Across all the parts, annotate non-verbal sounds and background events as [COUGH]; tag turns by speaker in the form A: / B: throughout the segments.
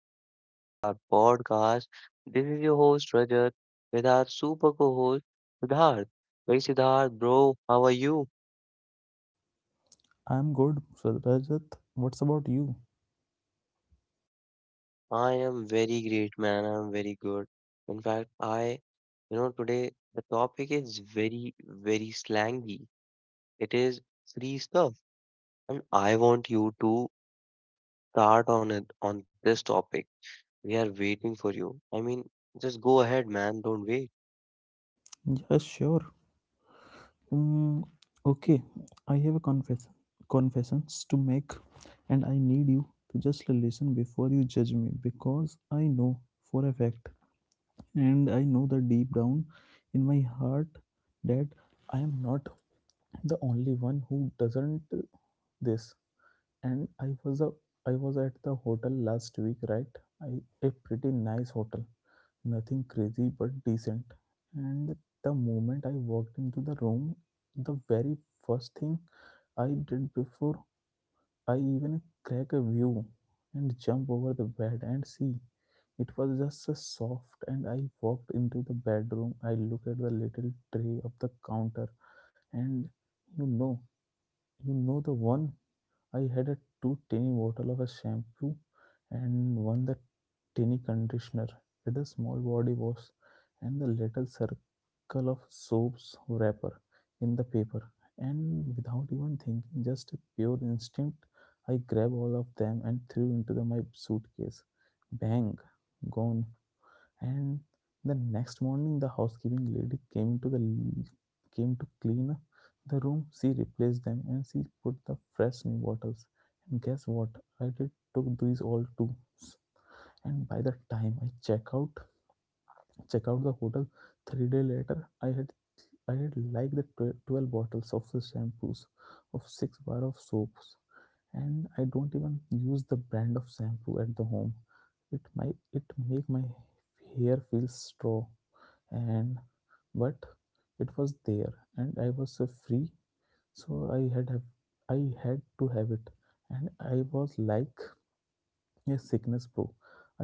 A: another episode of our podcast. This is your host Rajat with our super co-host Siddharth. Hey Siddharth, bro, how are you?
B: I'm good, Sir Rajat. What's about you?
A: I am very great, man. I am very good. In fact, today the topic is very, very slangy. It is free stuff, and I want you to start on it on this topic. We are waiting for you. I mean, just go ahead, man. Don't wait.
B: Yeah, sure. Mm, okay, I have a confessions to make, and I need you to just listen before you judge me because I know for a fact, and I know that deep down in my heart that I am not the only one who doesn't this. And I was at the hotel last week, right? I a pretty nice hotel. Nothing crazy, but decent. And the moment I walked into the room, the very first thing I did before I even crack a view and jump over the bed and see. It was just a soft, and I walked into the bedroom. I look at the little tray of the counter, and you know, you know the one I had a two tiny bottle of a shampoo and one the tiny conditioner. Had a small body wash and the little circle of soaps wrapper in the paper. And without even thinking, just a pure instinct, I grabbed all of them and threw into the, my suitcase. Bang, gone. And the next morning the housekeeping lady came to clean up the room. She replaced them and she put the fresh new bottles, and guess what I did? Took these all too. And by the time I check out the hotel 3 day later, I had like 12 bottles of the shampoos, of six bar of soaps. And I don't even use the brand of shampoo at the home. it my it make my hair feel straw. And but it was there and I was free. So I had to have it. And I was like a sickness pro.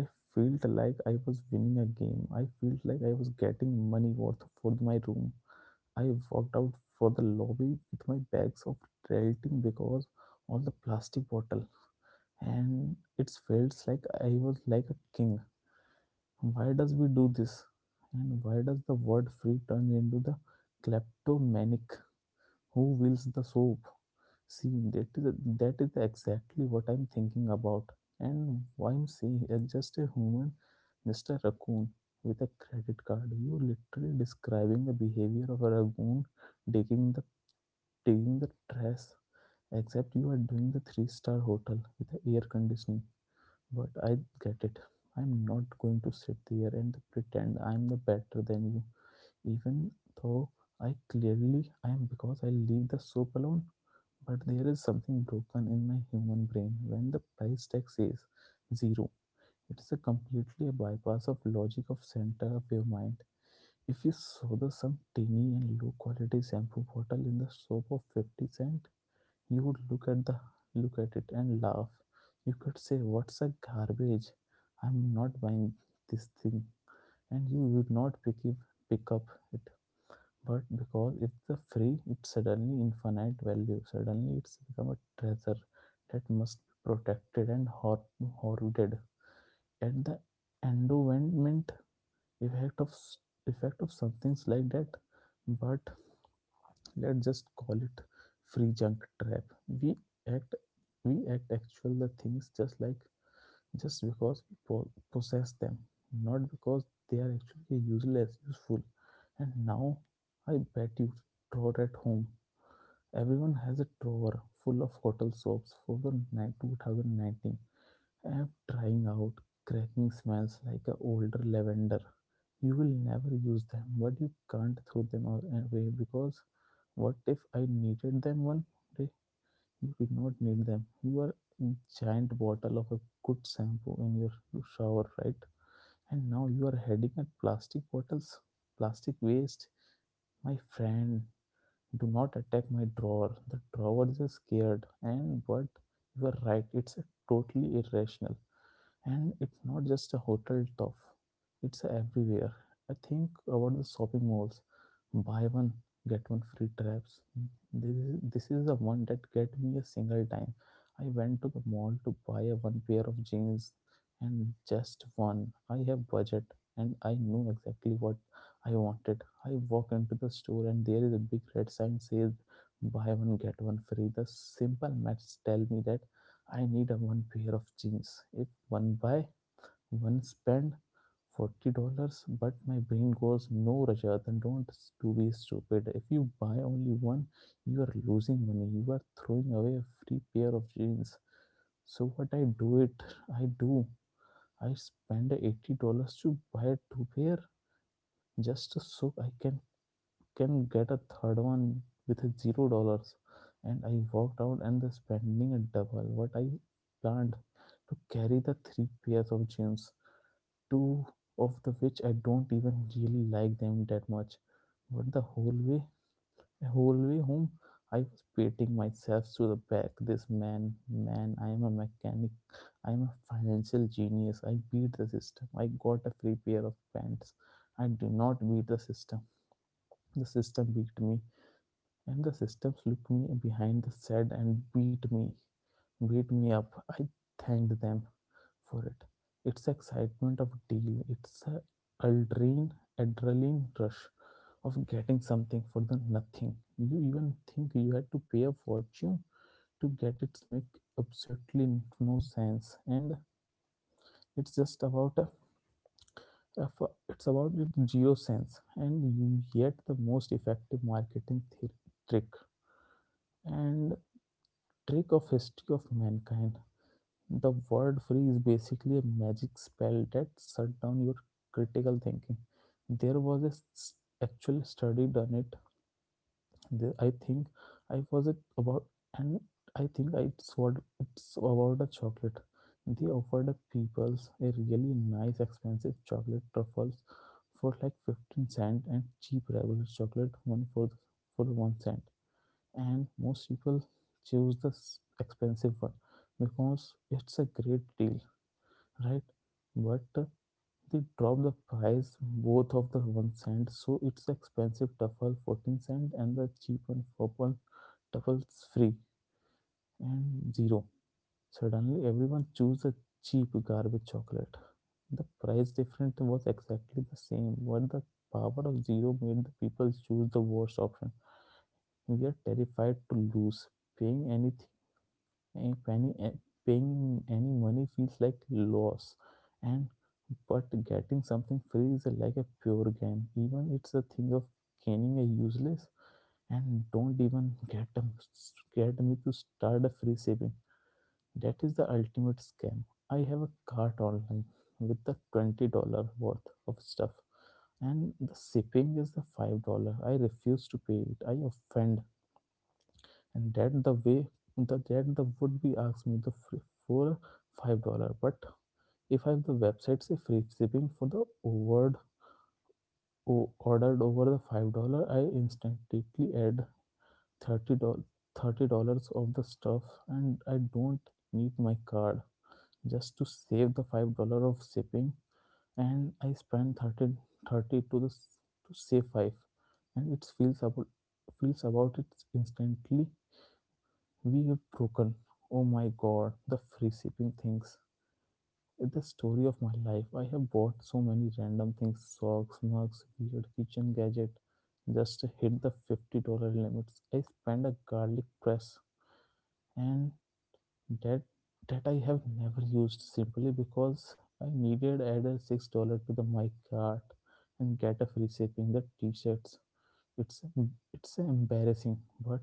B: I felt like I was winning a game. I felt like I was getting money worth for my room. I walked out for the lobby with my bags of tilting because all the plastic bottle, and it felt like I was a king. Why does we do this? And why does the word free turn into the kleptomaniac who wills the soap? See, that is, that is exactly what I'm thinking about. And why I'm saying it's just a human, just a raccoon with a credit card. You literally describing the behavior of a raccoon taking the taking the trash, except you are doing the three-star hotel with the air conditioning. But I get it. I'm not going to sit there and pretend I'm the better than you, even though I clearly am because I leave the soap alone. But there is something broken in my human brain when the price tag says zero. It's a completely a bypass of logic of center of your mind. If you saw the some tiny and low quality shampoo bottle in the soap of 50 cent, you would look at it and laugh. You could say, what's a garbage? I'm not buying this thing. And you would not pick up it. But because it's a free, it's suddenly infinite value. Suddenly it's become a treasure that must be protected and hoarded. At the endowment effect of effect of some things like that, but let's just call it free junk trap. we act we act actual the things just like just because we possess them, not because they are actually useless useful. And now I bet you drawer at home, everyone has a drawer full of hotel soaps for the 2019 I'm trying out. Cracking smells like a older lavender. You will never use them, but you can't throw them away because what if I needed them one day? You did not need them. You are a giant bottle of a good shampoo in your shower, right? And now you are heading at plastic bottles, plastic waste. My friend, do not attack my drawer. The drawer is scared, and but you are right, it's totally irrational. And it's not just a hotel stuff, it's everywhere. I think about the shopping malls, buy one get one free traps. this, this is the one that get me a single time. I went to the mall to buy a one pair of jeans, and just one, I have budget and I knew exactly what I wanted. I walk into the store and there is a big red sign says buy one get one free. The simple maths tell me that I need a one pair of jeans. If one buy, one spend $40, but my brain goes no Rajat and don't to be stupid. If you buy only one, you are losing money. You are throwing away a free pair of jeans. So what I do. I spend $80 to buy two pair just so I can get a third one with $0. And I walked out and the spending a double what I planned to carry the three pairs of jeans, two of the which I don't even really like them that much. But the whole way home, I was beating myself to the back. This man, man, I am a mechanic. I am a financial genius. I beat the system. I got a free pair of pants. I do not beat the system. The system beat me. And the systems looked me behind the said and beat me up. I thanked them for it. It's excitement of deal. It's a adrenaline, adrenaline rush of getting something for the nothing. You even think you had to pay a fortune to get it make absolutely no sense. And it's just about it's about it zero sense, and you get the most effective marketing trick and trick of history of mankind. The word free is basically a magic spell that shut down your critical thinking. There was actual study done it. There, I think I was it about, and I think I what it's about a chocolate. They offered the peoples a really nice expensive chocolate truffles for like 15 cent, and cheap regular chocolate one for 1 cent. And most people choose expensive one because it's a great deal, right? But they drop the price both of the 1 cent, so it's expensive duffel 14 cent and the cheap one purple duffels free and zero. Suddenly everyone choose the cheap garbage chocolate. The price difference was exactly the same, but the power of zero made the people choose the worst option. We are terrified to lose paying anything. If any, eh, paying any money feels like loss, and but getting something free is like a pure gain. Even it's a thing of gaining a useless. And don't even get me to start a free saving. That is the ultimate scam. I have a cart online with the $20 worth of stuff, and the shipping is the $5. I refuse to pay it. I offend and that the way the that the would be asked me the free for $5. But if I have the website say free shipping for the word ordered over the $5, I instantly add thirty dollars $30 of the stuff, and I don't need my card just to save the $5 of shipping. And I spend 30 to the to save five, and it feels about it instantly. We have broken. Oh my god, the free shipping things. It's the story of my life. I have bought so many random things, socks, mugs, weird kitchen gadget. Just to hit the $50 limits. I spent a garlic press and that that I have never used simply because I needed add a $6 to the my cart and get a free shipping the t-shirts. It's embarrassing, but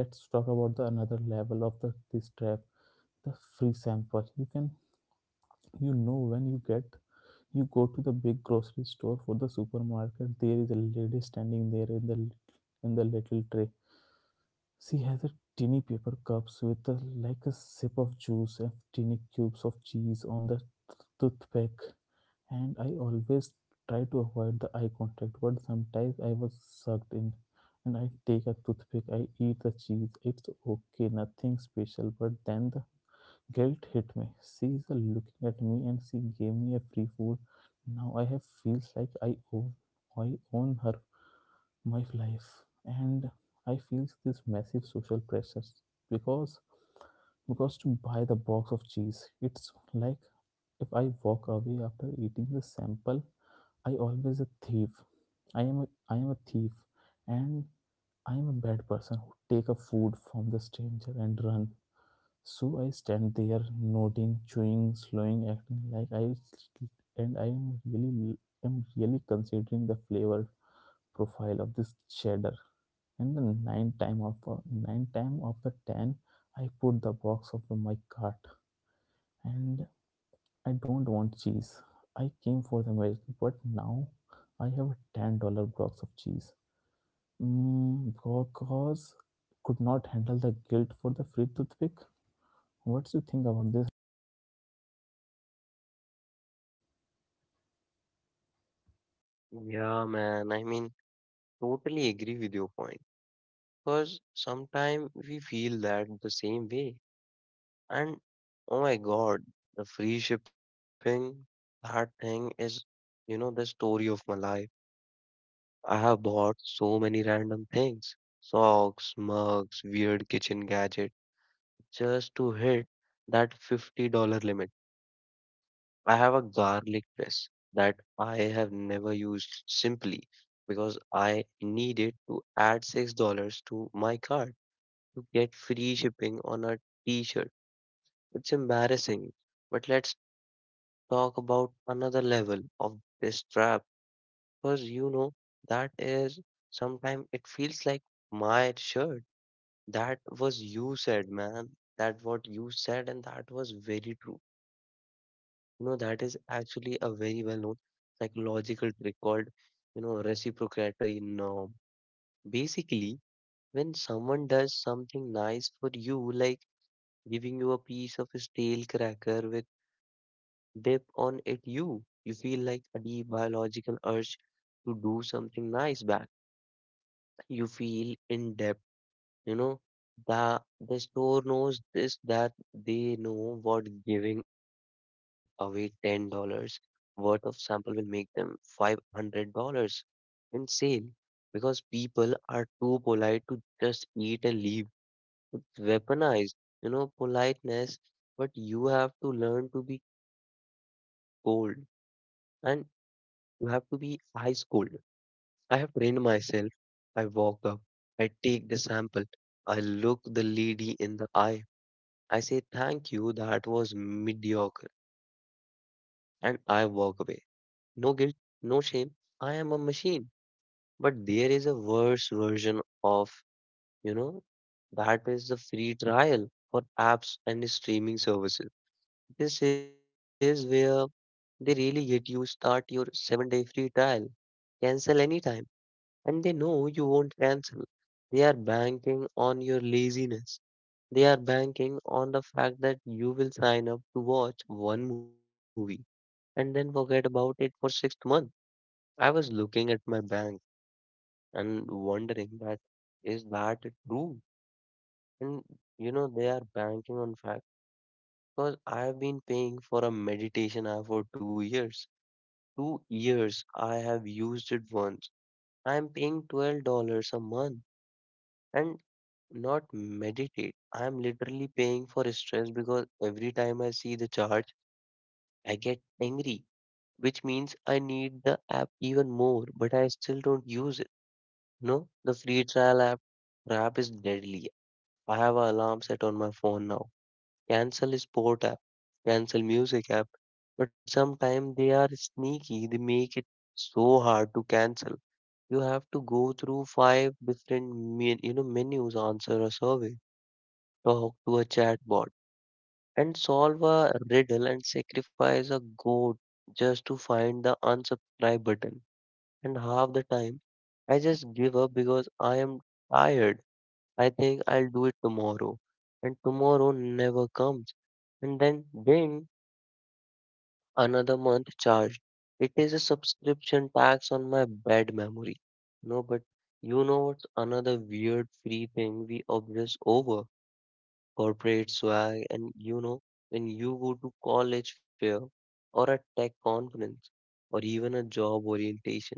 B: let's talk about the another level of the, this trap, the free sample. You know when you get you go to the big grocery store for the supermarket, there is a lady standing there in the little tray. She has a tiny paper cups with a, like a sip of juice and tiny cubes of cheese on the toothpick. And I always try to avoid the eye contact, but sometimes I was sucked in. And I take a toothpick, I eat the cheese, it's okay, nothing special. But then the guilt hit me. She is looking at me and she gave me a free food. Now I have feels like I own her my life. And I feel this massive social pressure because to buy the box of cheese, it's like if I walk away after eating the sample, I always a thief. I am a thief. And I am a bad person who take a food from the stranger and run. So I stand there, nodding, chewing, slowing, acting like I and I am really considering the flavor profile of this cheddar. And the nine time of the ten, I put the box of the my cart, and I don't want cheese. I came for the American, but now I have a $10 box of cheese. Because could not handle the guilt for the free toothpick. What do you think about this?
A: Yeah, man. Totally agree with your point. Because sometimes we feel that the same way. And oh my God, the free shipping, that thing is, you know, the story of my life. I have bought so many random things, socks, mugs, weird kitchen gadget, just to hit that $50 limit. I have a garlic press that I have never used simply because I needed to add $6 to my cart to get free shipping on a t-shirt. It's embarrassing, but let's talk about another level of this trap because you know that is sometimes it feels like my shirt. That was you said, man. That what you said, and that was very true. You know, that is actually a very well known psychological trick called reciprocatory norm. Basically, when someone does something nice for you, like giving you a piece of stale cracker with dip on it, you feel like a deep biological urge to do something nice back. You feel indebted. You know, the store knows this that they know what giving away $10 worth of sample will make them $500 in sale because people are too polite to just eat and leave. It's weaponized, you know, politeness, but you have to learn to be cold and you have to be ice cold. I have trained myself. I walk up, I take the sample, I look the lady in the eye, I say thank you, that was mediocre, and I walk away. No guilt, no shame. I am a machine. But there is a worse version of, you know, that is the free trial for apps and streaming services. This is where they really get you. Start your 7 day free trial, cancel anytime. And they know you won't cancel. They are banking on your laziness. They are banking on the fact that you will sign up to watch one movie and then forget about it for 6 months. I was looking at my bank and wondering that is that true? And you know, they are banking on fact because I've been paying for a meditation app for 2 years. 2 years I have used it once. I'm paying $12 a month and not meditate. I am literally paying for stress because every time I see the charge, I get angry, which means I need the app even more, but I still don't use it. No, the free trial app is deadly. I have an alarm set on my phone now. Cancel sport app, cancel music app, but sometimes they are sneaky. They make it so hard to cancel. You have to go through five different menus, answer a survey, talk to a chatbot and solve a riddle and sacrifice a goat just to find the unsubscribe button. And half the time, I just give up because I am tired. I think I'll do it tomorrow. And tomorrow never comes. And then, ding, another month charged. It is a subscription tax on my bad memory. No, but you know what's another weird free thing we obsess over? Corporate swag, and you know, when you go to college fair or a tech conference or even a job orientation,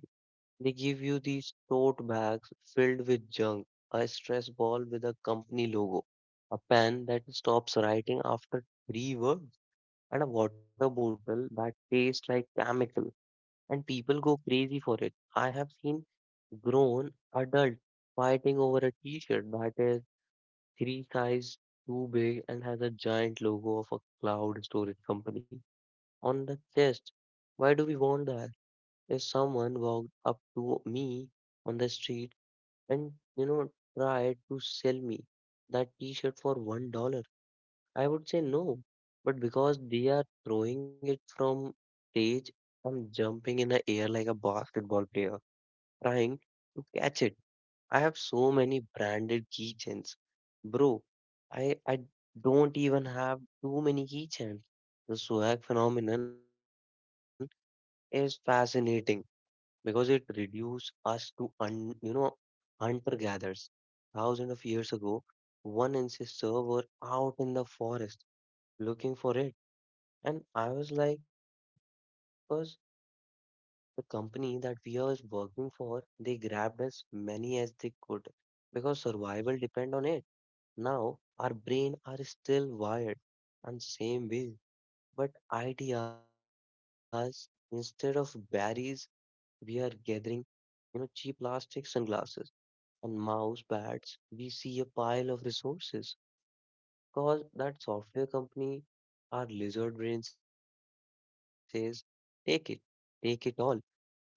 A: they give you these tote bags filled with junk, a stress ball with a company logo, a pen that stops writing after three words, and a water bottle that tastes like chemical. And people go crazy for it. I have seen grown adult fighting over a t-shirt that is three guys too big and has a giant logo of a cloud storage company on the chest. Why do we want that? If someone walked up to me on the street and you know tried to sell me that t-shirt for $1, I would say no. But because they are throwing it from stage, I'm jumping in the air like a basketball player, trying to catch it. I have so many branded keychains. Bro, I don't even have too many keychains. The swag phenomenon is fascinating because it reduces us to you know hunter gatherers. Thousands of years ago, one ancestor were out in the forest looking for it, and I was like, because the company that we are working for, they grabbed as many as they could because survival depend on it. Now our brain are still wired and same way, but ideas instead of berries, we are gathering, you know, cheap plastic sunglasses and mouse pads. We see a pile of resources cause that software company, our lizard brain says, take it, take it all. Winter is coming.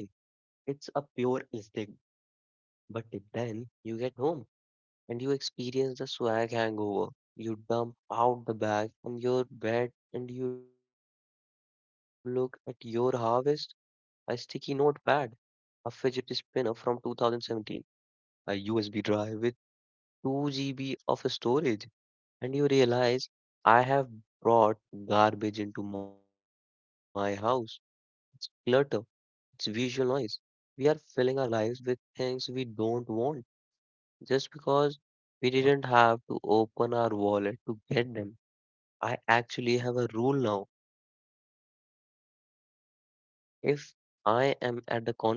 A: It's a pure instinct. But then you get home and you experience the swag hangover. You dump out the bag on your bed and you look at your harvest, a sticky notepad, a fidget spinner from 2017, a USB drive with 2 GB of storage, and you realize I have brought garbage into my house. It's clutter, it's visual noise. We are filling our lives with things we don't want just because we didn't have to open our wallet to get them. I actually have a rule now. If I am at the conference and someone hands me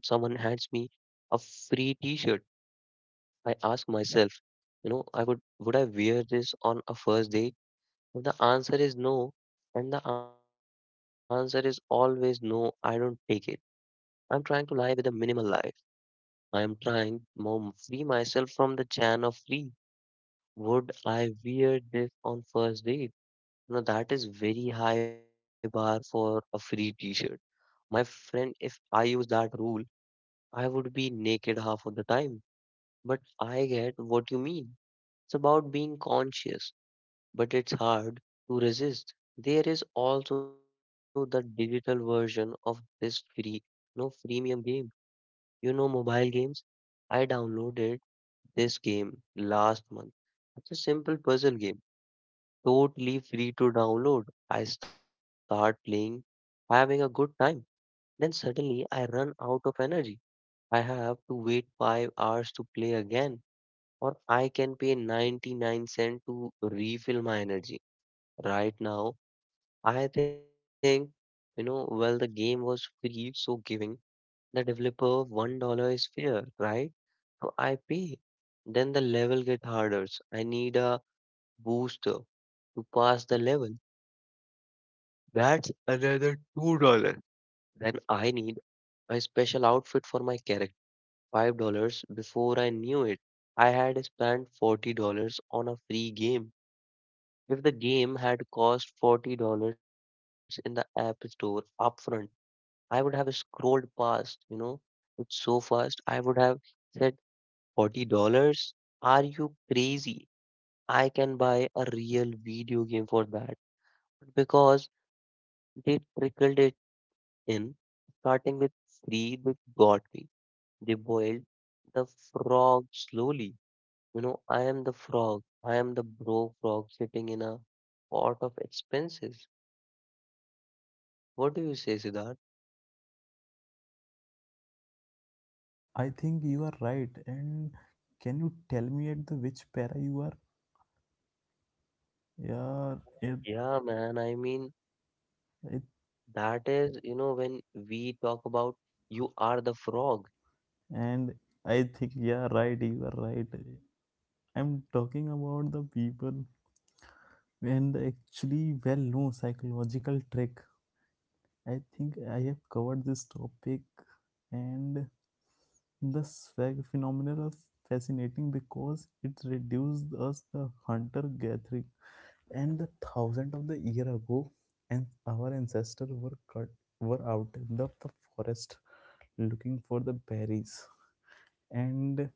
A: a free t-shirt, I ask myself, you know, I would I wear this on a first date? If the answer is no, and the answer is always no, I don't take it. I'm trying to live with a minimal life. I'm trying to free myself from the chain of free. Would I wear this on first date? Now that is very high bar for a free t-shirt. My friend, if I use that rule, I would be naked half of the time. But I get what you mean. It's about being conscious, but it's hard to resist. There is also the digital version of this free, no freemium game. You know, mobile games. I downloaded this game last month. It's a simple puzzle game totally free to download. I start playing, having a good time. Then suddenly I run out of energy. I have to wait 5 hours to play again, or I can pay 99 cents to refill my energy. Right now, I think, you know, well, the game was free, so giving the developer $1 is fair, right? So I pay. Then the level get harder. I need a booster to pass the level. That's another $2. Then I need a special outfit for my character. $5 before I knew it. I had spent $40 on a free game. If the game had cost $40 in the app store upfront, I would have scrolled past, you know, it's so fast. I would have said, $40? Are you crazy? I can buy a real video game for that. But because they trickled it in starting with three which got me. They boiled the frog slowly. You know, I am the frog. I am the bro frog sitting in a pot of expenses. What do you say, Siddharth?
B: I think you are right. And can you tell me at the which para you are? Yeah, it,
A: Yeah, man. I mean,
B: it,
A: that is, you know, when we talk about you are the frog.
B: and I think yeah, right. You are right. I'm talking about the people and actually well-known psychological trick. I think I have covered this topic, and this phenomenon is fascinating because it reduces us the hunter-gatherer and the thousand of the year ago, and our ancestors were out in the forest looking for the berries. And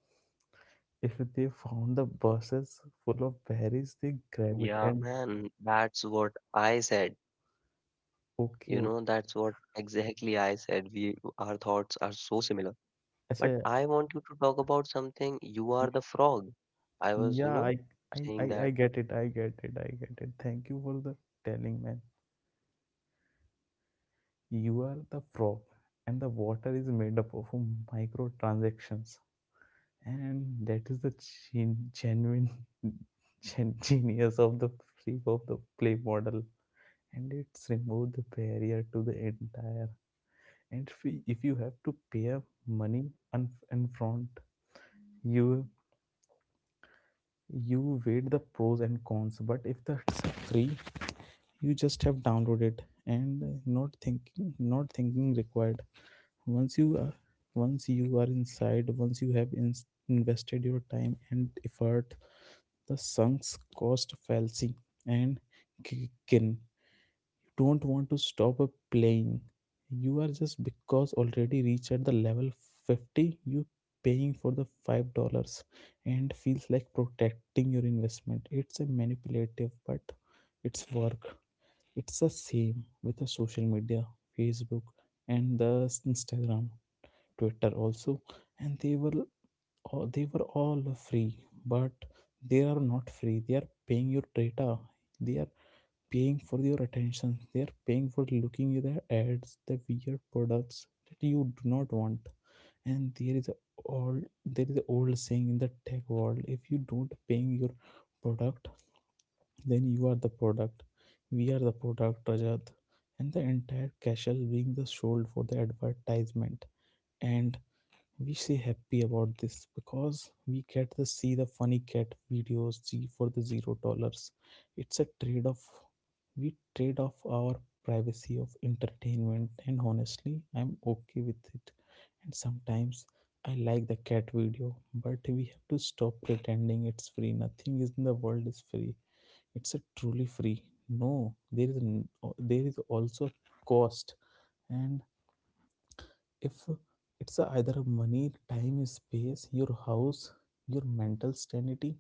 B: if they found the buses full of berries, they grab it.
A: Yeah,
B: And
A: man. That's what I said. You know, that's
B: okay,
A: what
B: okay.
A: exactly I said. We, our thoughts are so similar. But I
B: Acha,
A: want you to talk about something. You are
B: y-
A: the frog. I was, you
B: yeah,
A: know,
B: I, I
A: saying
B: i i
A: that.
B: get it, I get it, I get it. Thank you for the telling, man. You are the frog, and the water is made up of microtransactions, and that is the genuine [LAUGHS] genius of the free of the play model. And it's removed the barrier to the entire. And if you have to pay money in front, you you weigh the pros and cons. But if that's free, you just have downloaded. And not thinking required. Once you are once you are inside, once you have invested your time and effort. The sunks cost Falsi and Kin. You don't want to stop a playing. You are just because already reached at the level 50, you paying for the $5 and feels like protecting your investment. It's a manipulative, but it's work. It's the same with the social media, Facebook and the Instagram, Twitter also. And they will they were all free, but they are not free. They are paying your data, they are paying for your attention, they are paying for looking at the ads, the weird products that you do not want. And there is old an old saying in the tech world: if you don't paying your product, then you are the product. We are the product, Rajat, and the entire castle being the sold for the advertisement. And we say happy about this because we get to see the funny cat videos z for the $0. It's a trade off. We trade off our privacy of entertainment, and honestly I'm okay with it. And sometimes I like the cat video, but we have to stop pretending it's free. Nothing is in the world is free. It's a truly free, no. There is also a cost. And if it's either money, time, space, your house, your mental sanity,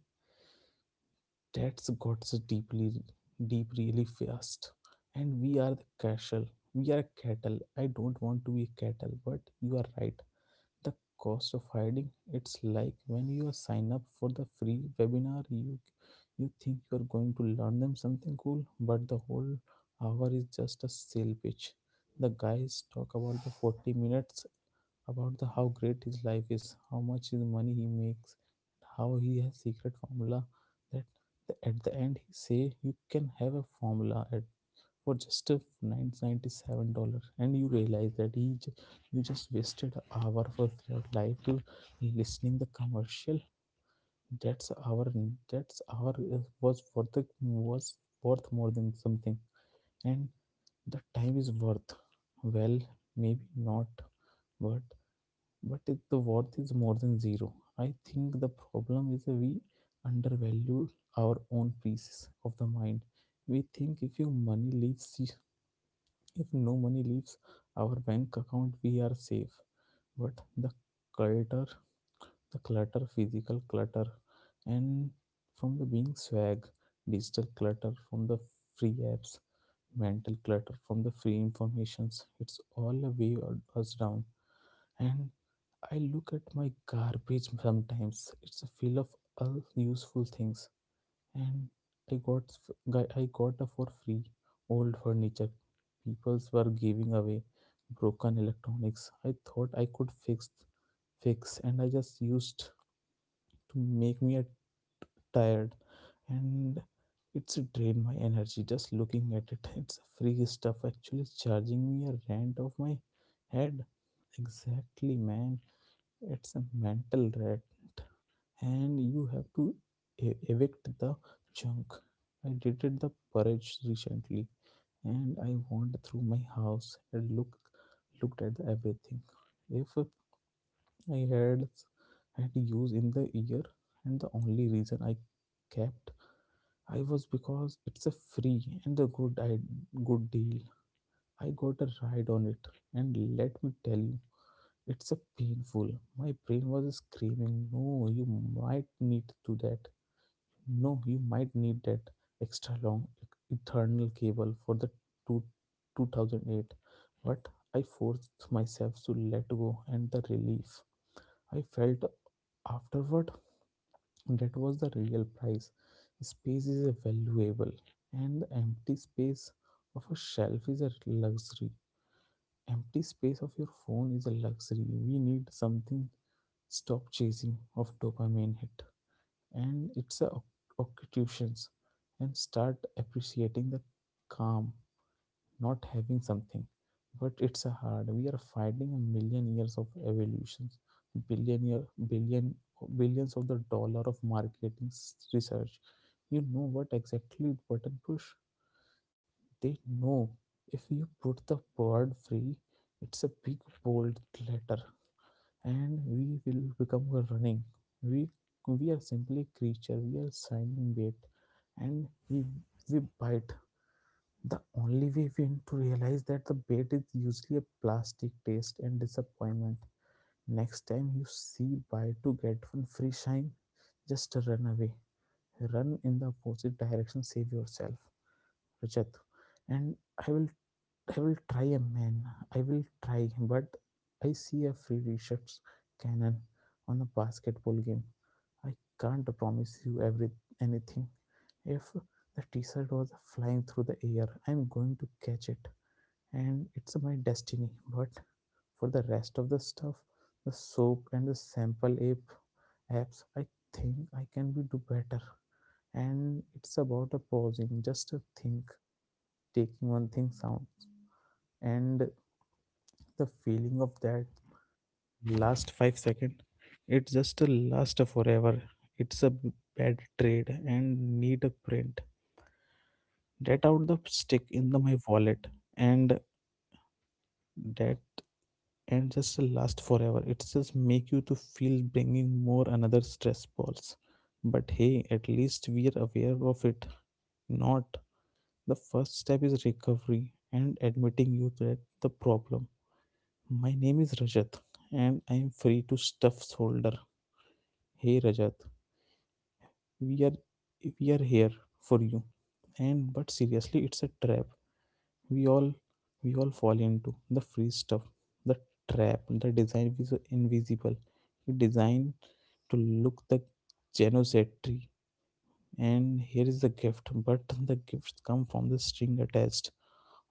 B: that's got so deep really fast. And we are the cattle. We are cattle. I don't want to be cattle, but you are right. The cost of hiding, it's like when you sign up for the free webinar, you think you are going to learn them something cool, but the whole hour is just a sale pitch. The guys talk about the 40 minutes about the how great his life is, how much his money he makes, and how he has secret formula that at the end he say you can have a formula at for just a $997. And you realize that you just wasted an hour of your life to listening the commercial. That's our that's our was worth the was worth more than something. And the time is worth, well, maybe not. But if the worth is more than zero, I think the problem is that we undervalue our own peace of the mind. We think if no money leaves our bank account, we are safe. But the clutter, clutter, physical clutter, and from the being swag, digital clutter, from the free apps, mental clutter, from the free informations, it's all a weigh us down. And I look at my garbage sometimes. It's a fill of all useful things, and I got a for free old furniture. People's were giving away broken electronics. I thought I could fix, and I just used to make me a tired, and it's drained my energy just looking at it. [LAUGHS] It's free stuff actually charging me a rent of my head. Exactly, man. It's a mental rat, and you have to evict the junk. I did it the purge recently, and I went through my house and looked at everything. If I had had used in the year, and the only reason I kept I was because it's a free and a good good deal. I got a ride on it, and let me tell you it's a painful. My brain was screaming, "No, you might need to that. No, you might need that extra long eternal cable for the two, 2008." But I forced myself to let go, and the relief I felt afterward, that was the real price. Space is a valuable, and the empty space of a shelf is a luxury. Empty space of your phone is a luxury. We need something, stop chasing of dopamine hit and its a occupations, and start appreciating the calm not having something. But it's a hard, we are fighting a million years of evolutions, billion year billion billions of the dollar of marketing research. You know what exactly button push they know. If you put the bird free, it's a big bold letter, and we will become running. We we are simply creature. We are signing bait, and we bite. The only way we need to realize that the bait is usually a plastic taste and disappointment. Next time you see buy to get one free shine, just run away. Run in the opposite direction, save yourself, Rajat. And I will I will try, a man. I will try, but I see a free reshots cannon on a basketball game. I can't promise you every anything. If the t-shirt was flying through the air, I'm going to catch it, and it's my destiny. But for the rest of the stuff, the soap and the sample apps, I think I can be do better. And it's about a pausing, just a think taking one thing sound. And the feeling of that last 5 second, it just lasts forever. It's a bad trade and need a print that out, the stick in the my wallet. And that and just last forever, it just make you to feel bringing more another stress balls. But hey, at least we are aware of it. Not the first step is recovery and admitting you that the problem. My name is Rajat, and I am free to stuff shoulder. Hey Rajat, we are we are here for you. And but seriously it's a trap. We all we all fall into the free stuff. The trap, the design is invisible. It designed to look the genocide. And here is the gift, but the gifts come from the string attached.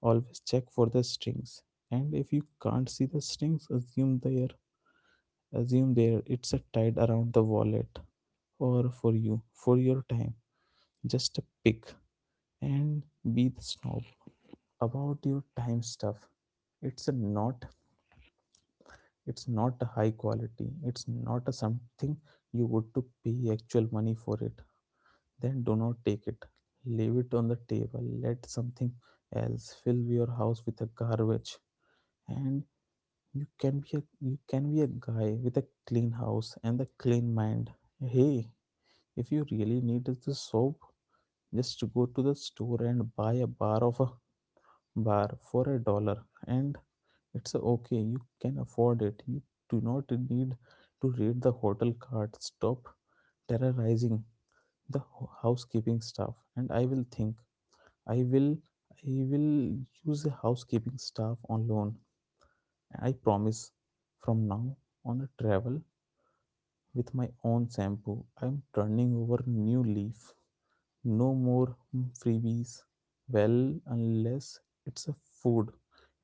B: Always check for the strings. And if you can't see the strings, assume they are assume there it's a tied around the wallet, or for your time, just pick and be the snob about your time stuff. it's a not it's not a high quality, it's not a something you would to pay actual money for it, then do not take it. Leave it on the table, let something else fill your house with a garbage. And you can be a guy with a clean house and a clean mind. Hey. If you really need the soap, just go to the store and buy a bar for a dollar, and it's okay. You can afford it. You do not need to read the hotel card. Stop terrorizing the housekeeping staff, and I will I will use a housekeeping staff on loan. I promise from now on a travel with my own shampoo. I'm turning over new leaf. No more freebies. Well, unless it's a food.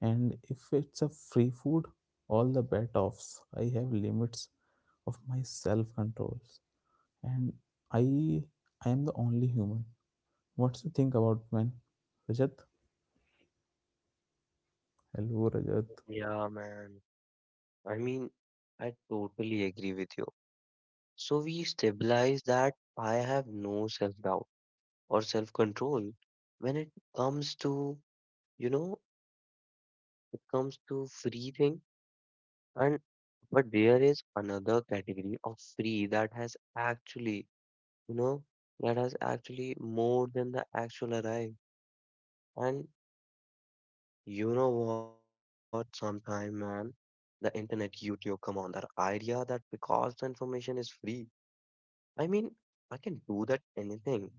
B: And if it's a free food, all the bet offs. I have limits of my self controls. And I I am the only human. What's the think about, man? Rajat? Hello, Rajat.
A: Yeah, man. I mean, I totally agree with you. So we stabilize that I have no self-doubt or self-control when it comes to, you know, it comes to free thing. And but there is another category of free that has actually, you know, that has actually more than the actual arrive. And you know what? Sometime, man, the internet, YouTube, come on, that idea that because the information is free, I mean, I can do that anything.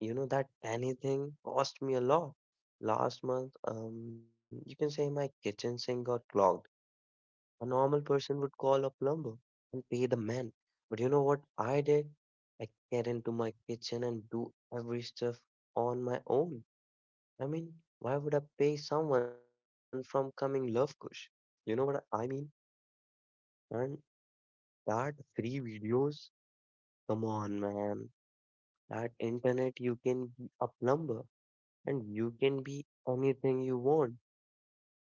A: You know, that anything cost me a lot. Last month, you can say my kitchen sink got clogged. A normal person would call a plumber and pay the man. But you know what I did? I get into my kitchen and do every stuff on my own. I mean, why would I pay someone from coming Love Kush? You know what I mean? And that free videos, come on, man. That internet, you can be a plumber and you can be anything you want. I mean,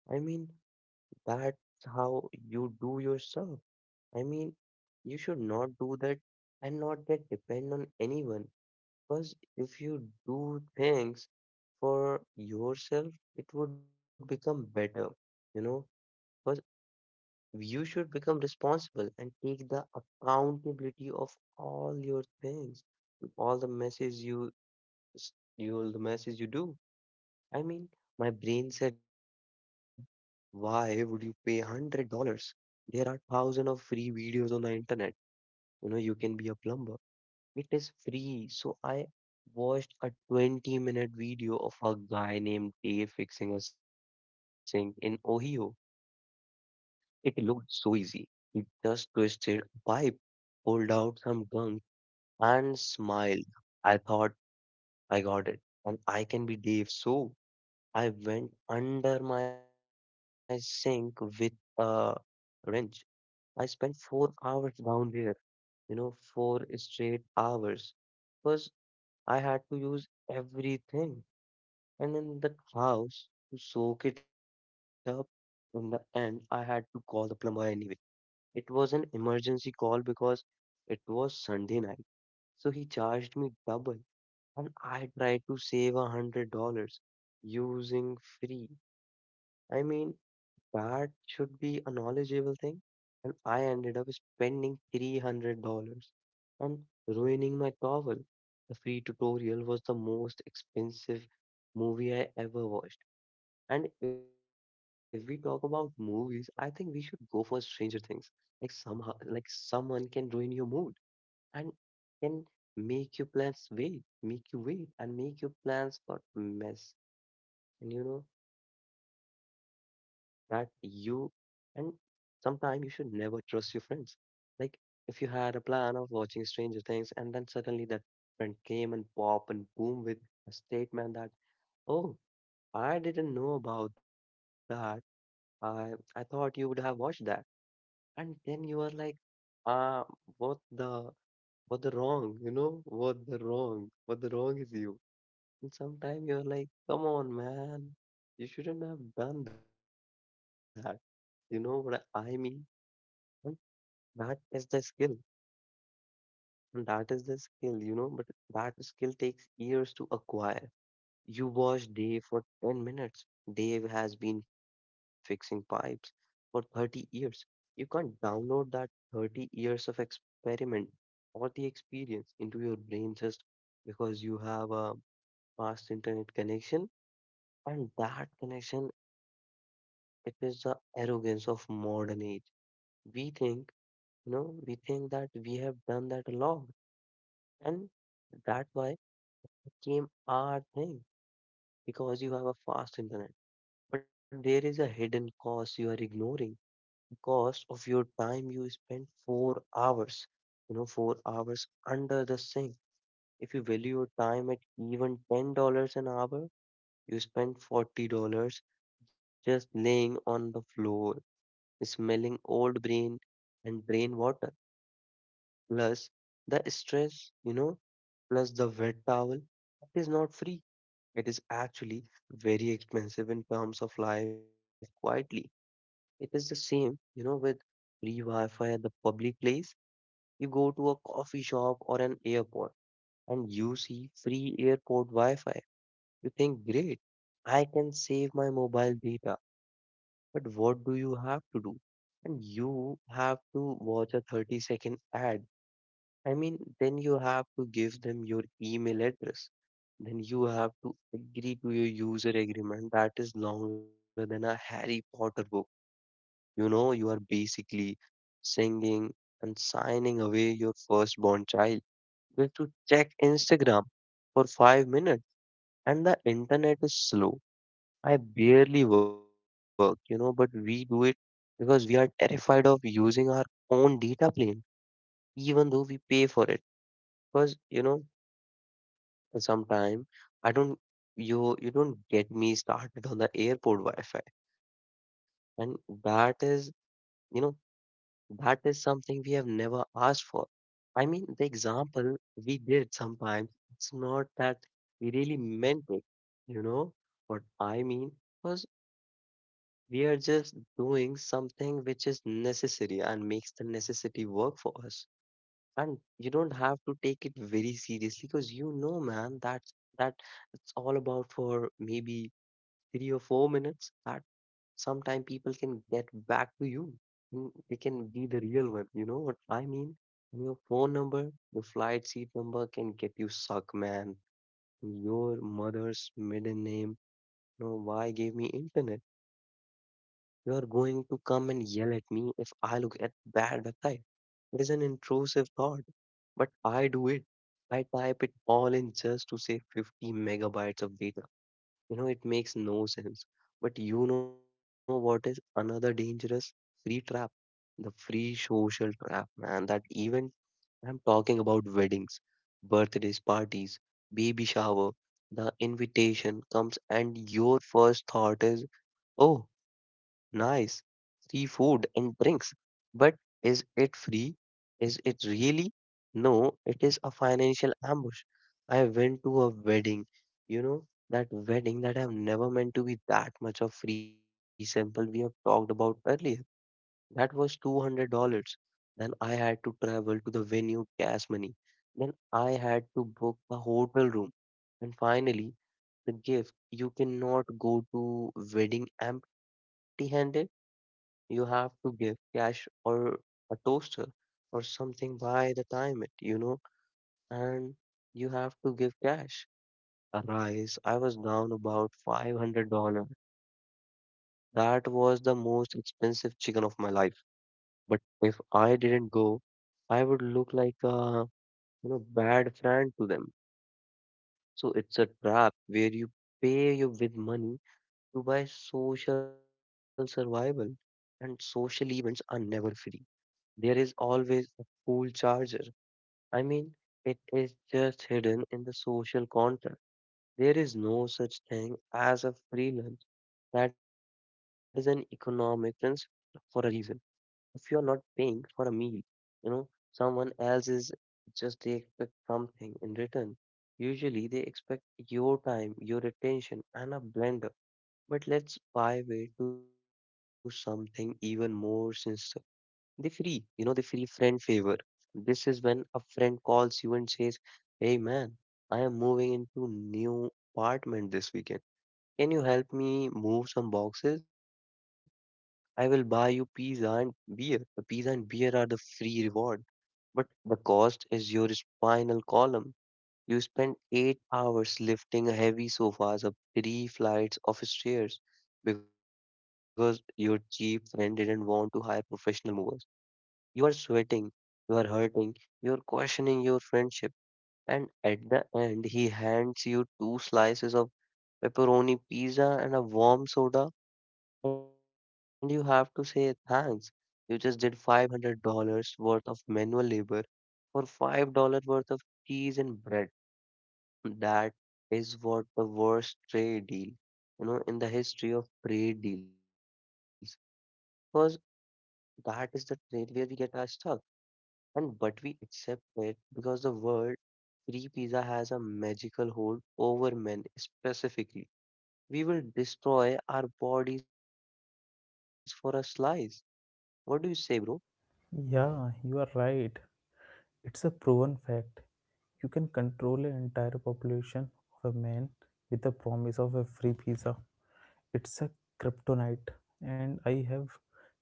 A: that's how you do yourself. I mean, you should not do that and not get depend on anyone. Because if you do things for yourself, it would become better, you know. 'Cause you should become responsible and take the accountability of all your things, all the messes you, all the messes you do. I mean, my brain said, why would you pay $100? There are thousands of free videos on the internet. You know, you can be a plumber. It is free. So I watched a 20-minute video of a guy named Dave fixing a sink in Ohio. It looked so easy. He just twisted a pipe, pulled out some gunk, and smiled. I thought I got it, and I can be Dave. So I went under my sink with a wrench. I spent 4 hours down there, four straight hours, because I had to use everything. And in the house, to soak it up, in the end, I had to call the plumber anyway. It was an emergency call because it was Sunday night. So he charged me double, and I tried to save $100 using free. I mean, that should be a knowledgeable thing. And I ended up spending $300 and ruining my towel. The free tutorial was the most expensive movie I ever watched. And if we talk about movies, I think we should go for Stranger Things. Like somehow, like someone can ruin your mood and can make your plans wait, make you wait, and make your plans got mess. And you know that you and sometime you should never trust your friends. Like if you had a plan of watching Stranger Things and then suddenly that friend came and pop and boom with a statement that, oh, I didn't know about that. I I thought you would have watched that. And then you were like, ah, what the what the wrong, you know? What the wrong? What the wrong is you? And sometimes you're like, come on, man, you shouldn't have done that. You know what I mean? And that is the skill. And that is the skill, you know, but that skill takes years to acquire. You watch Dave for 10 minutes. Dave has been fixing pipes for 30 years. You can't download that 30 years of experiment or the experience into your brain just because you have a fast internet connection. And that connection, it is the arrogance of modern age. We think, we think that we have done that a lot. And that's why it came our thing because you have a fast internet. But there is a hidden cost you are ignoring, the cost of your time you spend 4 hours, 4 hours under the sink. If you value your time at even $10 an hour, you spend $40 just laying on the floor, smelling old brain and brain water, plus the stress, plus the wet towel. It is not free. It is actually very expensive in terms of life quietly. It is the same, with free Wi-Fi at the public place. You go to a coffee shop or an airport and you see free airport Wi-Fi. You think, great, I can save my mobile data. But what do you have to do? And you have to watch a 30-second ad. I mean, then you have to give them your email address. Then you have to agree to your user agreement that is longer than a Harry Potter book. You know, you are basically singing and signing away your firstborn child just to check Instagram for 5 minutes. And the internet is slow. I barely work, but we do it because we are terrified of using our own data plane, even though we pay for it. Because, sometimes I don't, you don't get me started on the airport Wi Fi. And that is, you know, that is something we have never asked for. I mean, the example we did sometimes, it's not that we really meant it, you know? What I mean was we are just doing something which is necessary and makes the necessity work for us. And you don't have to take it very seriously because you know, man, that it's all about for maybe 3 or 4 minutes that sometime people can get back to you. Mm, they can be the real one. You know what I mean? Your phone number, your flight seat number can get you suck, man. Your mother's middle name. You know why gave me internet? You are going to come and yell at me if I look at bad website. It is an intrusive thought, but I do it. I type it all in just to save 50 megabytes of data, it makes no sense. But you know what is another dangerous free trap? The free social trap, man. That even I'm talking about weddings, birthdays, parties, baby shower, the invitation comes, and your first thought is, oh, nice. Free food and drinks. But is it free? Is it really? No, it is a financial ambush. I went to a wedding, you know, that wedding that have never meant to be that much of free sample we have talked about earlier. That was $200. Then I had to travel to the venue, gas money. Then I had to book a hotel room. And finally, the gift. You cannot go to wedding empty-handed. You have to give cash or a toaster or something by the time it, and you have to give cash. A rice, I was down about $500. That was the most expensive chicken of my life. But if I didn't go, I would look like a bad friend to them. So it's a trap where you pay you with money to buy social survival, and social events are never free. There is always a cool charger. I mean, it is just hidden in the social contract. There is no such thing as a free lunch. That is an economic principle for a reason. If you are not paying for a meal, you know, someone else is just they expect something in return. Usually they expect your time, your attention, and a blender. But let's buy way to something even more sincere. They free, they free friend favor. This is when a friend calls you and says, hey man, I am moving into new apartment this weekend. Can you help me move some boxes? I will buy you pizza and beer. The pizza and beer are the free reward, but the cost is your spinal column. You spend 8 hours lifting heavy sofas up three flights of stairs because your cheap friend didn't want to hire professional movers. You are sweating, you are hurting, you are questioning your friendship, and at the end, he hands you two slices of pepperoni pizza and a warm soda, and you have to say thanks. You just did $500 worth of manual labor for $5 worth of cheese and bread. That is what the worst trade deal, in the history of trade deals, because that is the trade where we get our stuck. And but we accept it because the word free pizza has a magical hold over men specifically. We will destroy our bodies for a slice. What do you say, bro?
B: Yeah, you are right. It's a proven fact. You can control an entire population of a man with the promise of a free pizza. It's a kryptonite, and I have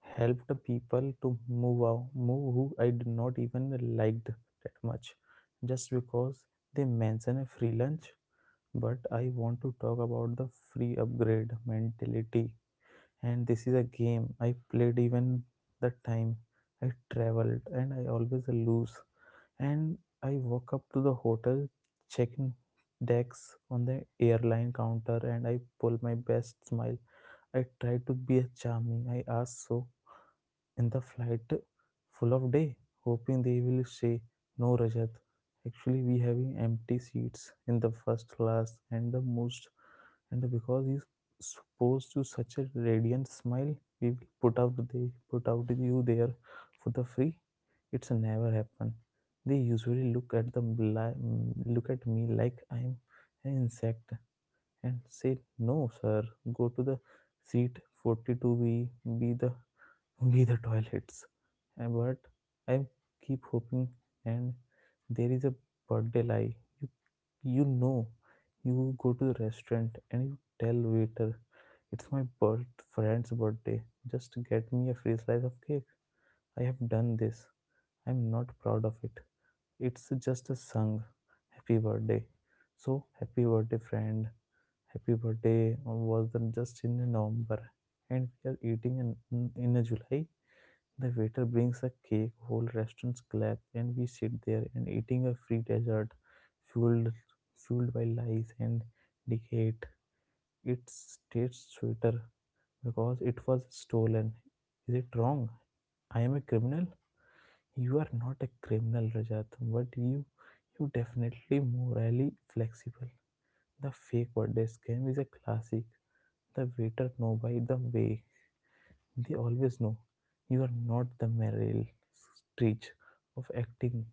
B: helped the people to move who I did not even liked that much, just because they mention a free lunch. But I want to talk about the free upgrade mentality, and this is a game I played even the time I traveled and I always lose. And I walk up to the hotel checking decks on the airline counter and I pull my best smile. I try to be charming. I ask so in the flight full of day, hoping they will say, no, Rajat. Actually, we having empty seats in the first class and the most, and because you supposed to such a radiant smile, we will put out you there for the free. It's never happen. They usually look at the look at me like I'm an insect and said, no, sir, go to the seat 42B, be the be the toilets. But I keep hoping, and there is a birthday lie. You, you know, you go to the restaurant and you tell waiter, it's my birth friend's birthday. Just get me a free slice of cake. I have done this. I'm not proud of it. It's just a song. Happy birthday. So happy birthday, friend. Happy birthday was just in November, and we are eating in July. The waiter brings a cake, whole restaurants clap, and we sit there and eating a free dessert, fueled fueled by lies and deceit. It tastes sweeter because it was stolen. Is it wrong? I am a criminal. You are not a criminal, Rajat, but you definitely morally flexible. The fake birthday scam is a classic. The waiter know, by the way, they always know. You are not the Meryl Streep of acting,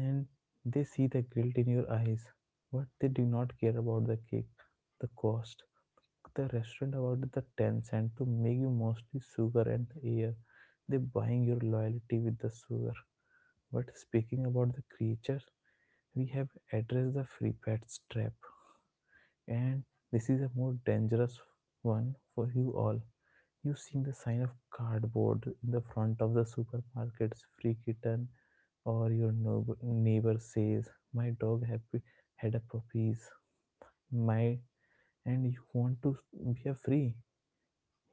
B: and they see the guilt in your eyes. But they do not care about the cake, the cost, the restaurant about the 10¢ to make you mostly sugar and air. They buying your loyalty with the sugar. But speaking about the creature, we have addressed the free pets trap. And this is a more dangerous one for you all. You've seen the sign of cardboard in the front of the supermarket's free kitten, or your neighbor says, my dog happy had a puppies. My and you want to be a free.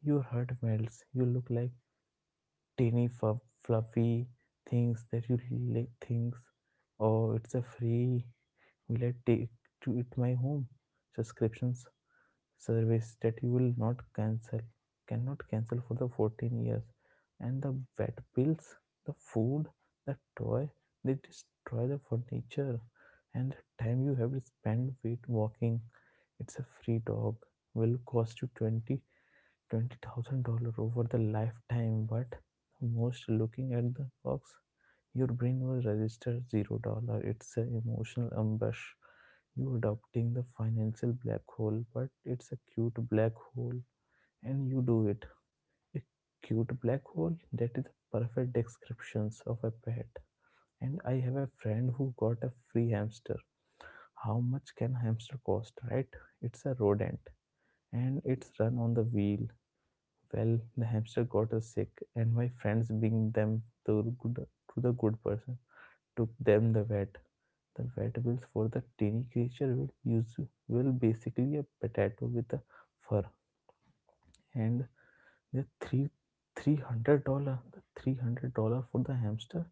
B: Your heart melts. You look like tiny fluffy things that you like things. Oh, it's a free. Will I take to it my home? Subscriptions service that you will not cancel cannot cancel for the 14 years, and the vet bills, the food, the toy, they destroy the furniture, and the time you have to spend with walking, it's a free dog will cost you 20 $20,000 over the lifetime, but most looking at the box, your brain will register $0. It's an emotional ambush. You adopting the financial black hole, but it's a cute black hole, and you do it. A cute black hole. That is the perfect descriptions of a pet. And I have a friend who got a free hamster. How much can a hamster cost, right? It's a rodent and it's run on the wheel. Well, the hamster got us sick, and my friends, being them the good, to the good person, took them the vet. The vet bills for the teeny creature will use will basically a potato with a fur, and the three the $300 for the hamster.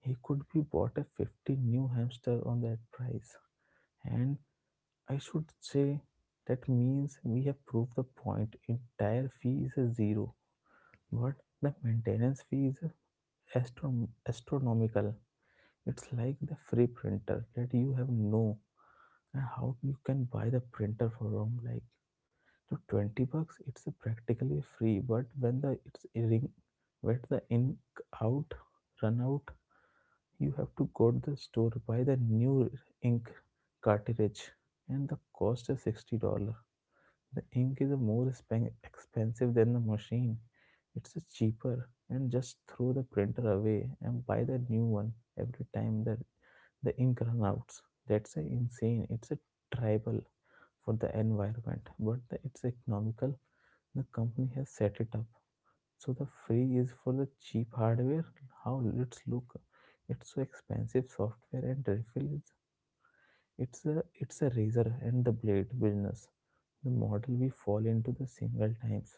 B: He could be bought a 50 new hamster on that price, and I should say that means we have proved the point. Entire fee is a zero but the maintenance fee is a astronomical. It's like the free printer that you have no, and how you can buy the printer for around like so 20 bucks. It's a practically free, but when the it's ring, when the ink out run out, you have to go to the store buy the new ink cartridge, and the cost is $60. The ink is more expensive than the machine. It's cheaper and just throw the printer away and buy the new one every time that the ink runs out. That's a insane. It's a tribal for the environment, it's economical. The company has set it up. So the free is for the cheap hardware. How it's look. It's so expensive software and refill is it's a razor and the blade business. The model we fall into the single times.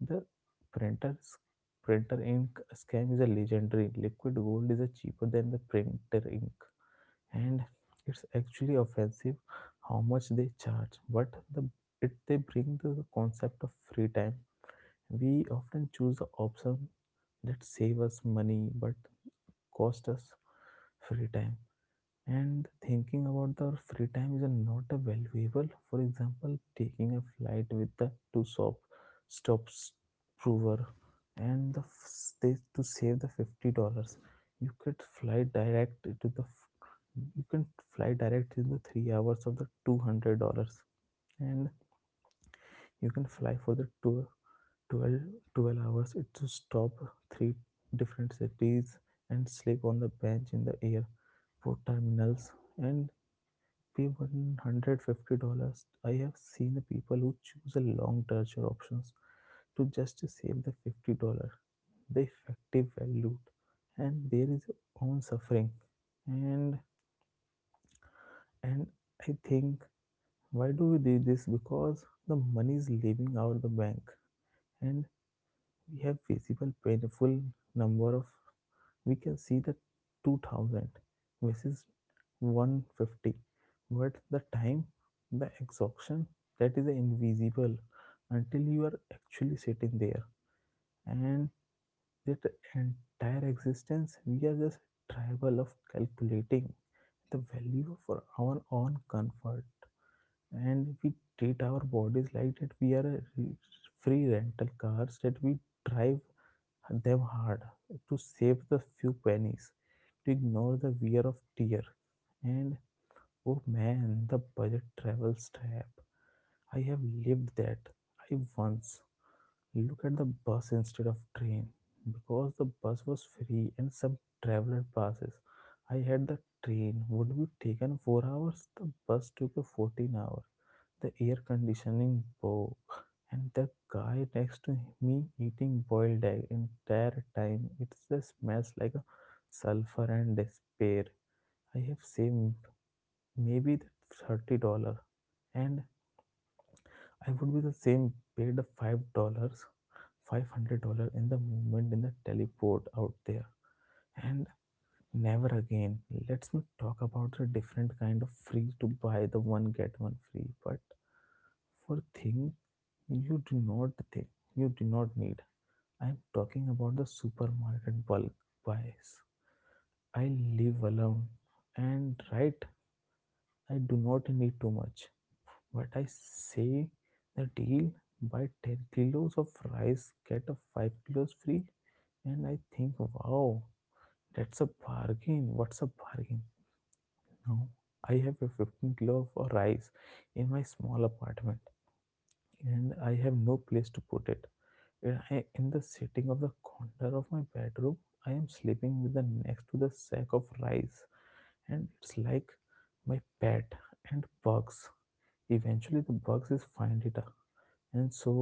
B: The printer s- printer ink scam is a legendary. Liquid gold is a cheaper than the printer ink, and it's actually offensive how much they charge. But they bring the concept of free time. We often choose the option that save us money but cost us free time, and thinking about the free time is a not a valuable, for example taking a flight with the two shop stops prover and they, to save the 50 dollars, you could fly direct to you can fly direct in the 3 hours of the 200 dollars, and you can fly for the two twelve twelve hours it to stop three different cities and sleep on the bench in the airport terminals and be $150. I have seen the people who choose a long torture options to just save the $50. The effective value and there is own suffering. And and I think, why do we do this? Because the money is leaving out the bank and we have visible painful number of, we can see the 2000 versus 150, but the time, the exhaustion, that is invisible until you are actually sitting there, and that entire existence we are just tribal of calculating the value for our own comfort, and we treat our bodies like that we are free rental cars that we drive them hard to save the few pennies, to ignore the wear of tear. And oh man, the budget travel trap. I have lived that. I once looked at the bus instead of train because the bus was free and some traveler passes. I had the train would be taken 4 hours, the bus took a 14 hour the air conditioning bow, and the guy next to me eating boiled egg entire time. It just smells like a sulfur and despair. I have saved maybe the $30, and I would be the same paid the $5, $500 in the movement in the teleport out there, and never again. Let's not talk about the different kind of free to buy the one get one free, but. For thing you do not think you do not need. I am talking about the supermarket bulk buys. I live alone and right I do not need too much. But I say the deal buy 10 kilos of rice get a 5 kilos free and I think, wow, that's a bargain. What's a bargain? Now I have a 15 kilo of rice in my small apartment and I have no place to put it. Yeah, in the sitting of the corner of my bedroom, I am sleeping with the next to the sack of rice, and it's like my pet and bugs. Eventually, the bugs is find it, and so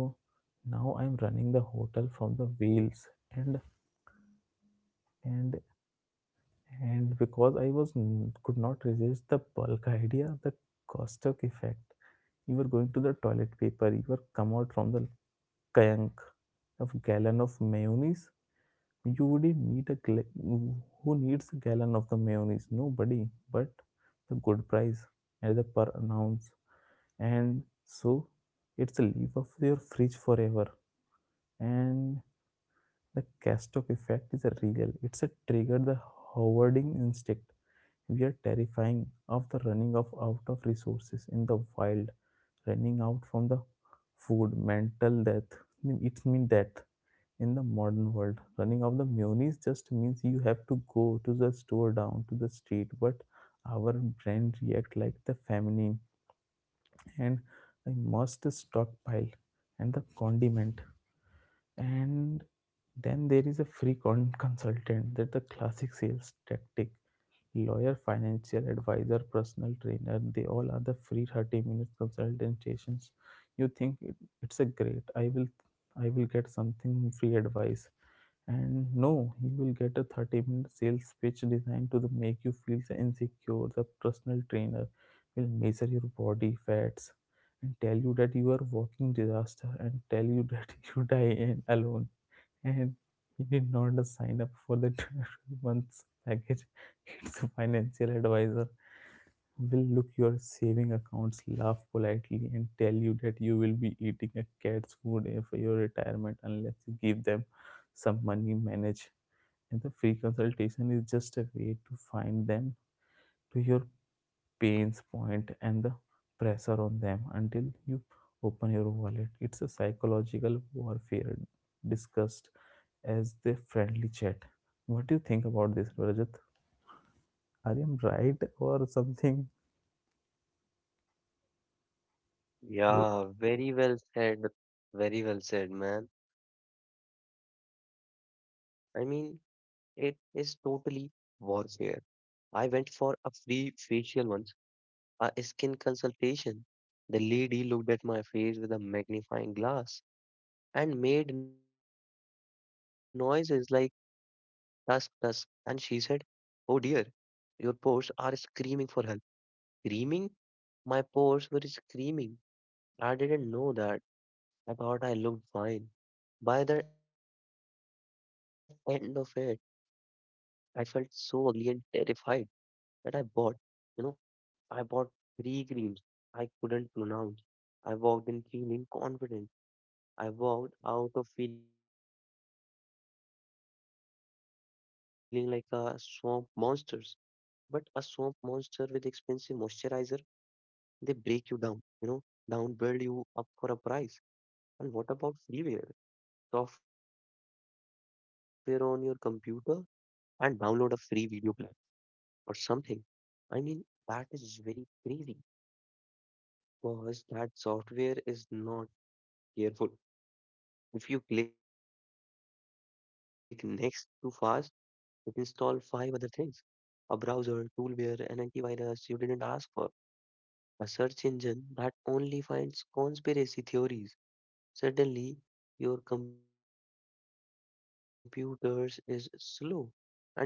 B: now I'm running the hotel from the wheels, and and and because I was could not resist the bulk idea of the caustic effect. You were going to the toilet paper. You were come out from the tank of gallon of mayonnaise. You wouldn't need a who needs a gallon of the mayonnaise? Nobody. But the good price at the per an ounce, and so it's a leaf of your fridge forever. And the Castor effect is a real. It's a trigger the hoarding instinct. We are terrifying of the running of out of resources in the wild, running out from the food, mental death. It's mean death in the modern world running of the mayonnaise just means you have to go to the store down to the street, but our brain react like the feminine, and I must stockpile and the condiment. And then there is a free consultant that the classic sales tactic, lawyer, financial advisor, personal trainer, they all are the free 30 minutes consultations. You think it, it's a great, I will get something free advice. And no, you will get a 30-minute sales pitch designed to the make you feel so insecure. The personal trainer will measure your body fats and tell you that you are walking disaster and tell you that [LAUGHS] you die in alone, and he did not sign up for the [LAUGHS] 12 months package. It's financial advisor will look your saving accounts, laugh politely, and tell you that you will be eating a cat's food for your retirement unless you give them some money manage. And the free consultation is just a way to find them to your pain's point and the pressure on them until you open your wallet. It's a psychological warfare discussed as the friendly chat. What do you think about this, Rajat? Are you right or something?
A: Yeah, very well said. Very well said, man. I mean, it is totally warfare. I went for a free facial once, a skin consultation. The lady looked at my face with a magnifying glass and made noises like tusk, tusk. And she said, oh dear, your pores are screaming for help. Screaming? My pores were screaming. I didn't know that. I thought I looked fine. By the end of it, I felt so ugly and terrified that I bought, you know, I bought three creams I couldn't pronounce. I walked in feeling confident. I walked out of feeling like a swamp monster, but a swamp monster with expensive moisturizer. They break you down, down, build you up for a price. And what about freeware? Software on your computer and download a free video clip or something. I mean, that is very crazy because that software is not careful. If you click next too fast, it install five other things. A browser, toolbar, an antivirus you didn't ask for. A search engine that only finds conspiracy theories. Suddenly, your computer is slow and you have pops up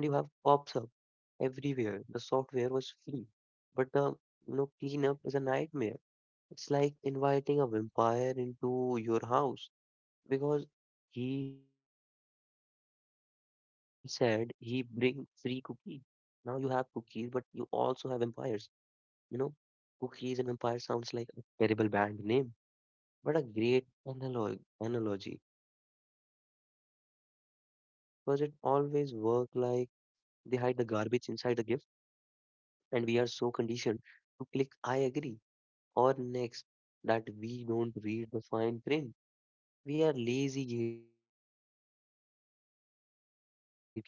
A: everywhere. The software was free, but the cleanup is a nightmare. It's like inviting a vampire into your house because he said he bring free cookie. Now you have cookies, but you also have vampires. You know, cookies and vampire sounds like a terrible band name, but a great analogy. Because it always work like they hide the garbage inside the gift, and we are so conditioned to click I agree or next that we don't read the fine print. We are lazy gatekeepers of our own lives. But I think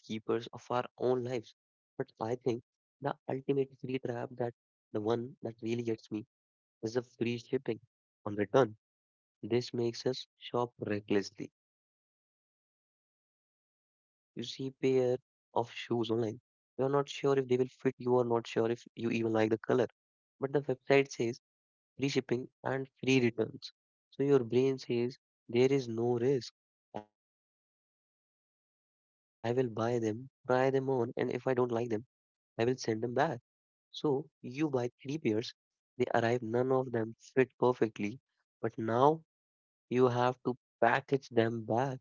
A: the ultimate free trap that the one that really gets me is the free shipping on return. This makes us shop recklessly. You see pair of shoes online. You are not sure if they will fit you or not sure if you even like the color. But the website says free shipping and free returns. So your brain says there is no risk. I will buy them, try them on, and if I don't like them, I will send them back. So you buy three pairs, they arrive, none of them fit perfectly. But now you have to package them back,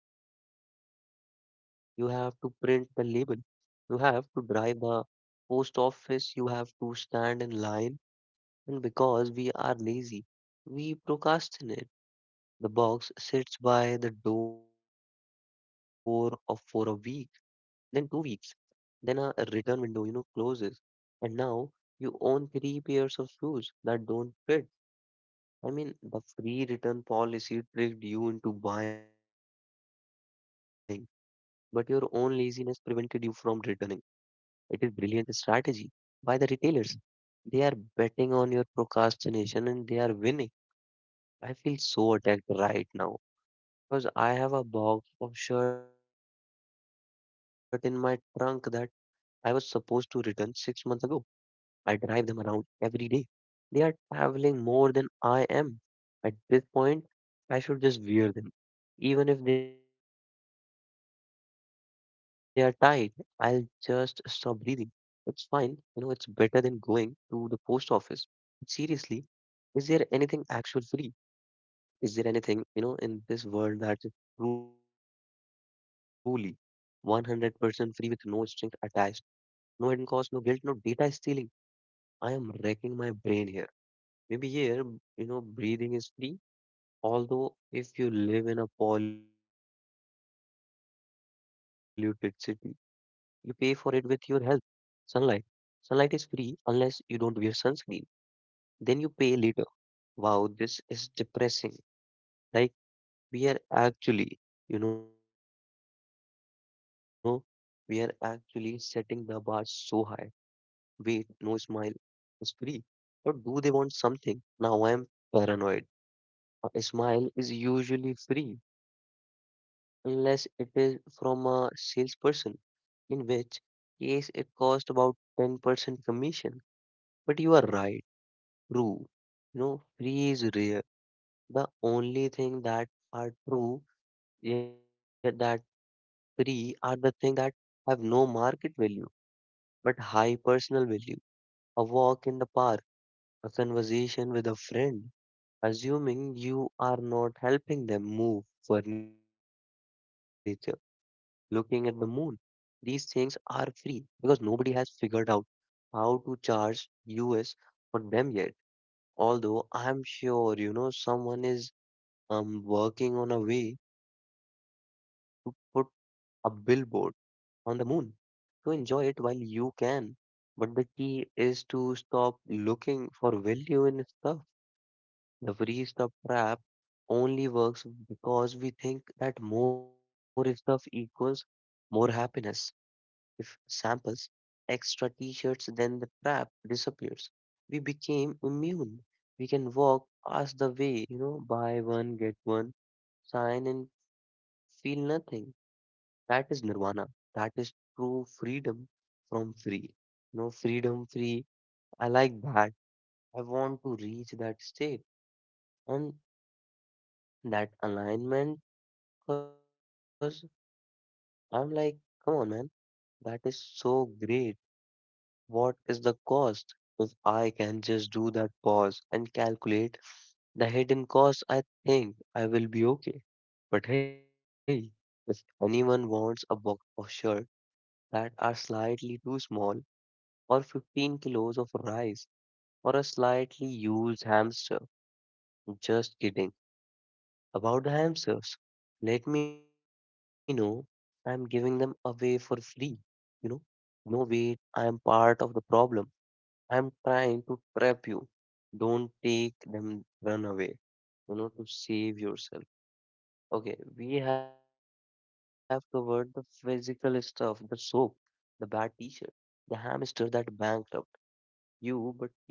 A: you have to print the label, you have to drive the post office, you have to stand in line, and because we are lazy, we procrastinate. The box sits by the door of for a week, then 2 weeks, then a return window closes, and now you own three pairs of shoes that don't fit. I mean, the free return policy tricked you into buying, but your own laziness prevented you from returning. It is brilliant strategy by the retailers. They are betting on your procrastination and they are winning. I feel so attacked right now because I have a box of shirt in my trunk that I was supposed to return 6 months ago. I drive them around every day, they are traveling more than I am. At this point, I should just wear them. Even if they are tight, I'll just stop breathing. It's fine, it's better than going to the post office. But seriously, is there anything actual free? Is there anything in this world that is truly 100% free with no strings attached, no hidden cost, no guilt, no data stealing? I am wrecking my brain here. Maybe here, breathing is free, although if you live in a polluted city, you pay for it with your health. Sunlight. Sunlight is free unless you don't wear sunscreen. Then you pay later. Wow, this is depressing. Like we are actually, you know, we are actually setting the bar so high. Wait, no, smile is free. But do they want something? Now I am paranoid. A smile is usually free, unless it is from a salesperson, in which case it costs about 10% commission. But you are right, true. You know, free is rare. The only thing that are true, yeah, that free are the thing that have no market value, but high personal value. A walk in the park, a conversation with a friend, assuming you are not helping them move furniture, looking at the moon. These things are free because nobody has figured out how to charge us for them yet. Although I'm sure someone is working on a way to put a billboard on the moon. So enjoy it while you can. But the key is to stop looking for value in stuff. The free stuff trap only works because we think that more stuff equals more happiness. If samples extra t shirts, then the trap disappears. We became immune. We can walk past the way, you know, buy one, get one, sign and feel nothing. That is nirvana. That is true freedom from free. No freedom free. I like that. I want to reach that state and that alignment because I'm like, come on, man, that is so great. What is the cost? If I can just do that pause and calculate the hidden cost, I think I will be okay. But hey, if anyone wants a box of shirts that are slightly too small, or 15 kilos of rice, or a slightly used hamster, just kidding about the hamsters, let me know. I'm giving them away for free, you know. No, wait, I am part of the problem. I'm trying to trap you. Don't take them, run away, to save yourself. Okay, we have covered the physical stuff, the soap, the bad t-shirt, the hamster that bankrupt you, but you know,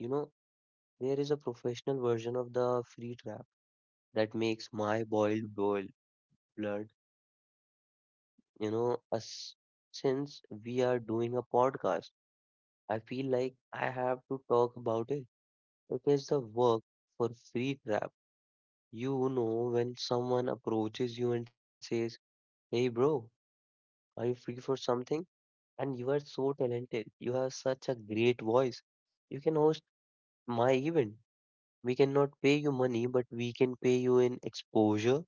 A: there is a professional version of the free trap that makes my boil blood, you know, us. Since we are doing a podcast, I feel like I have to talk about it. It is the work for free trap. You know, when someone approaches you and says, hey, bro, are you free for something? And you are so talented. You have such a great voice. You can host my event. We cannot pay you money, but we can pay you in exposure.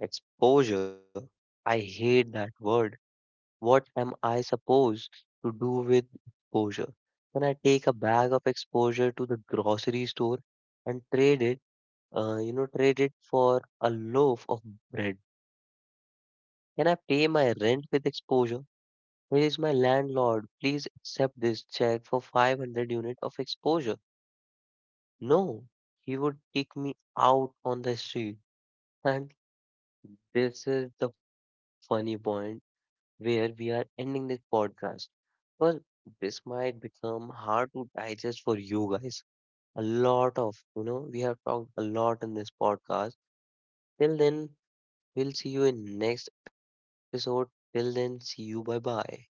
A: Exposure. I hate that word. What am I supposed to do with exposure? Can I take a bag of exposure to the grocery store and trade it, trade it for a loaf of bread? Can I pay my rent with exposure? Here is my landlord. Please accept this check for 500 unit of exposure. No, he would kick me out on the street. And this is the funny point where we are ending this podcast because this might become hard to digest for you guys. A lot of, you know, we have talked a lot in this podcast. Till then, we'll see you in next episode. Till then, see you. Bye bye.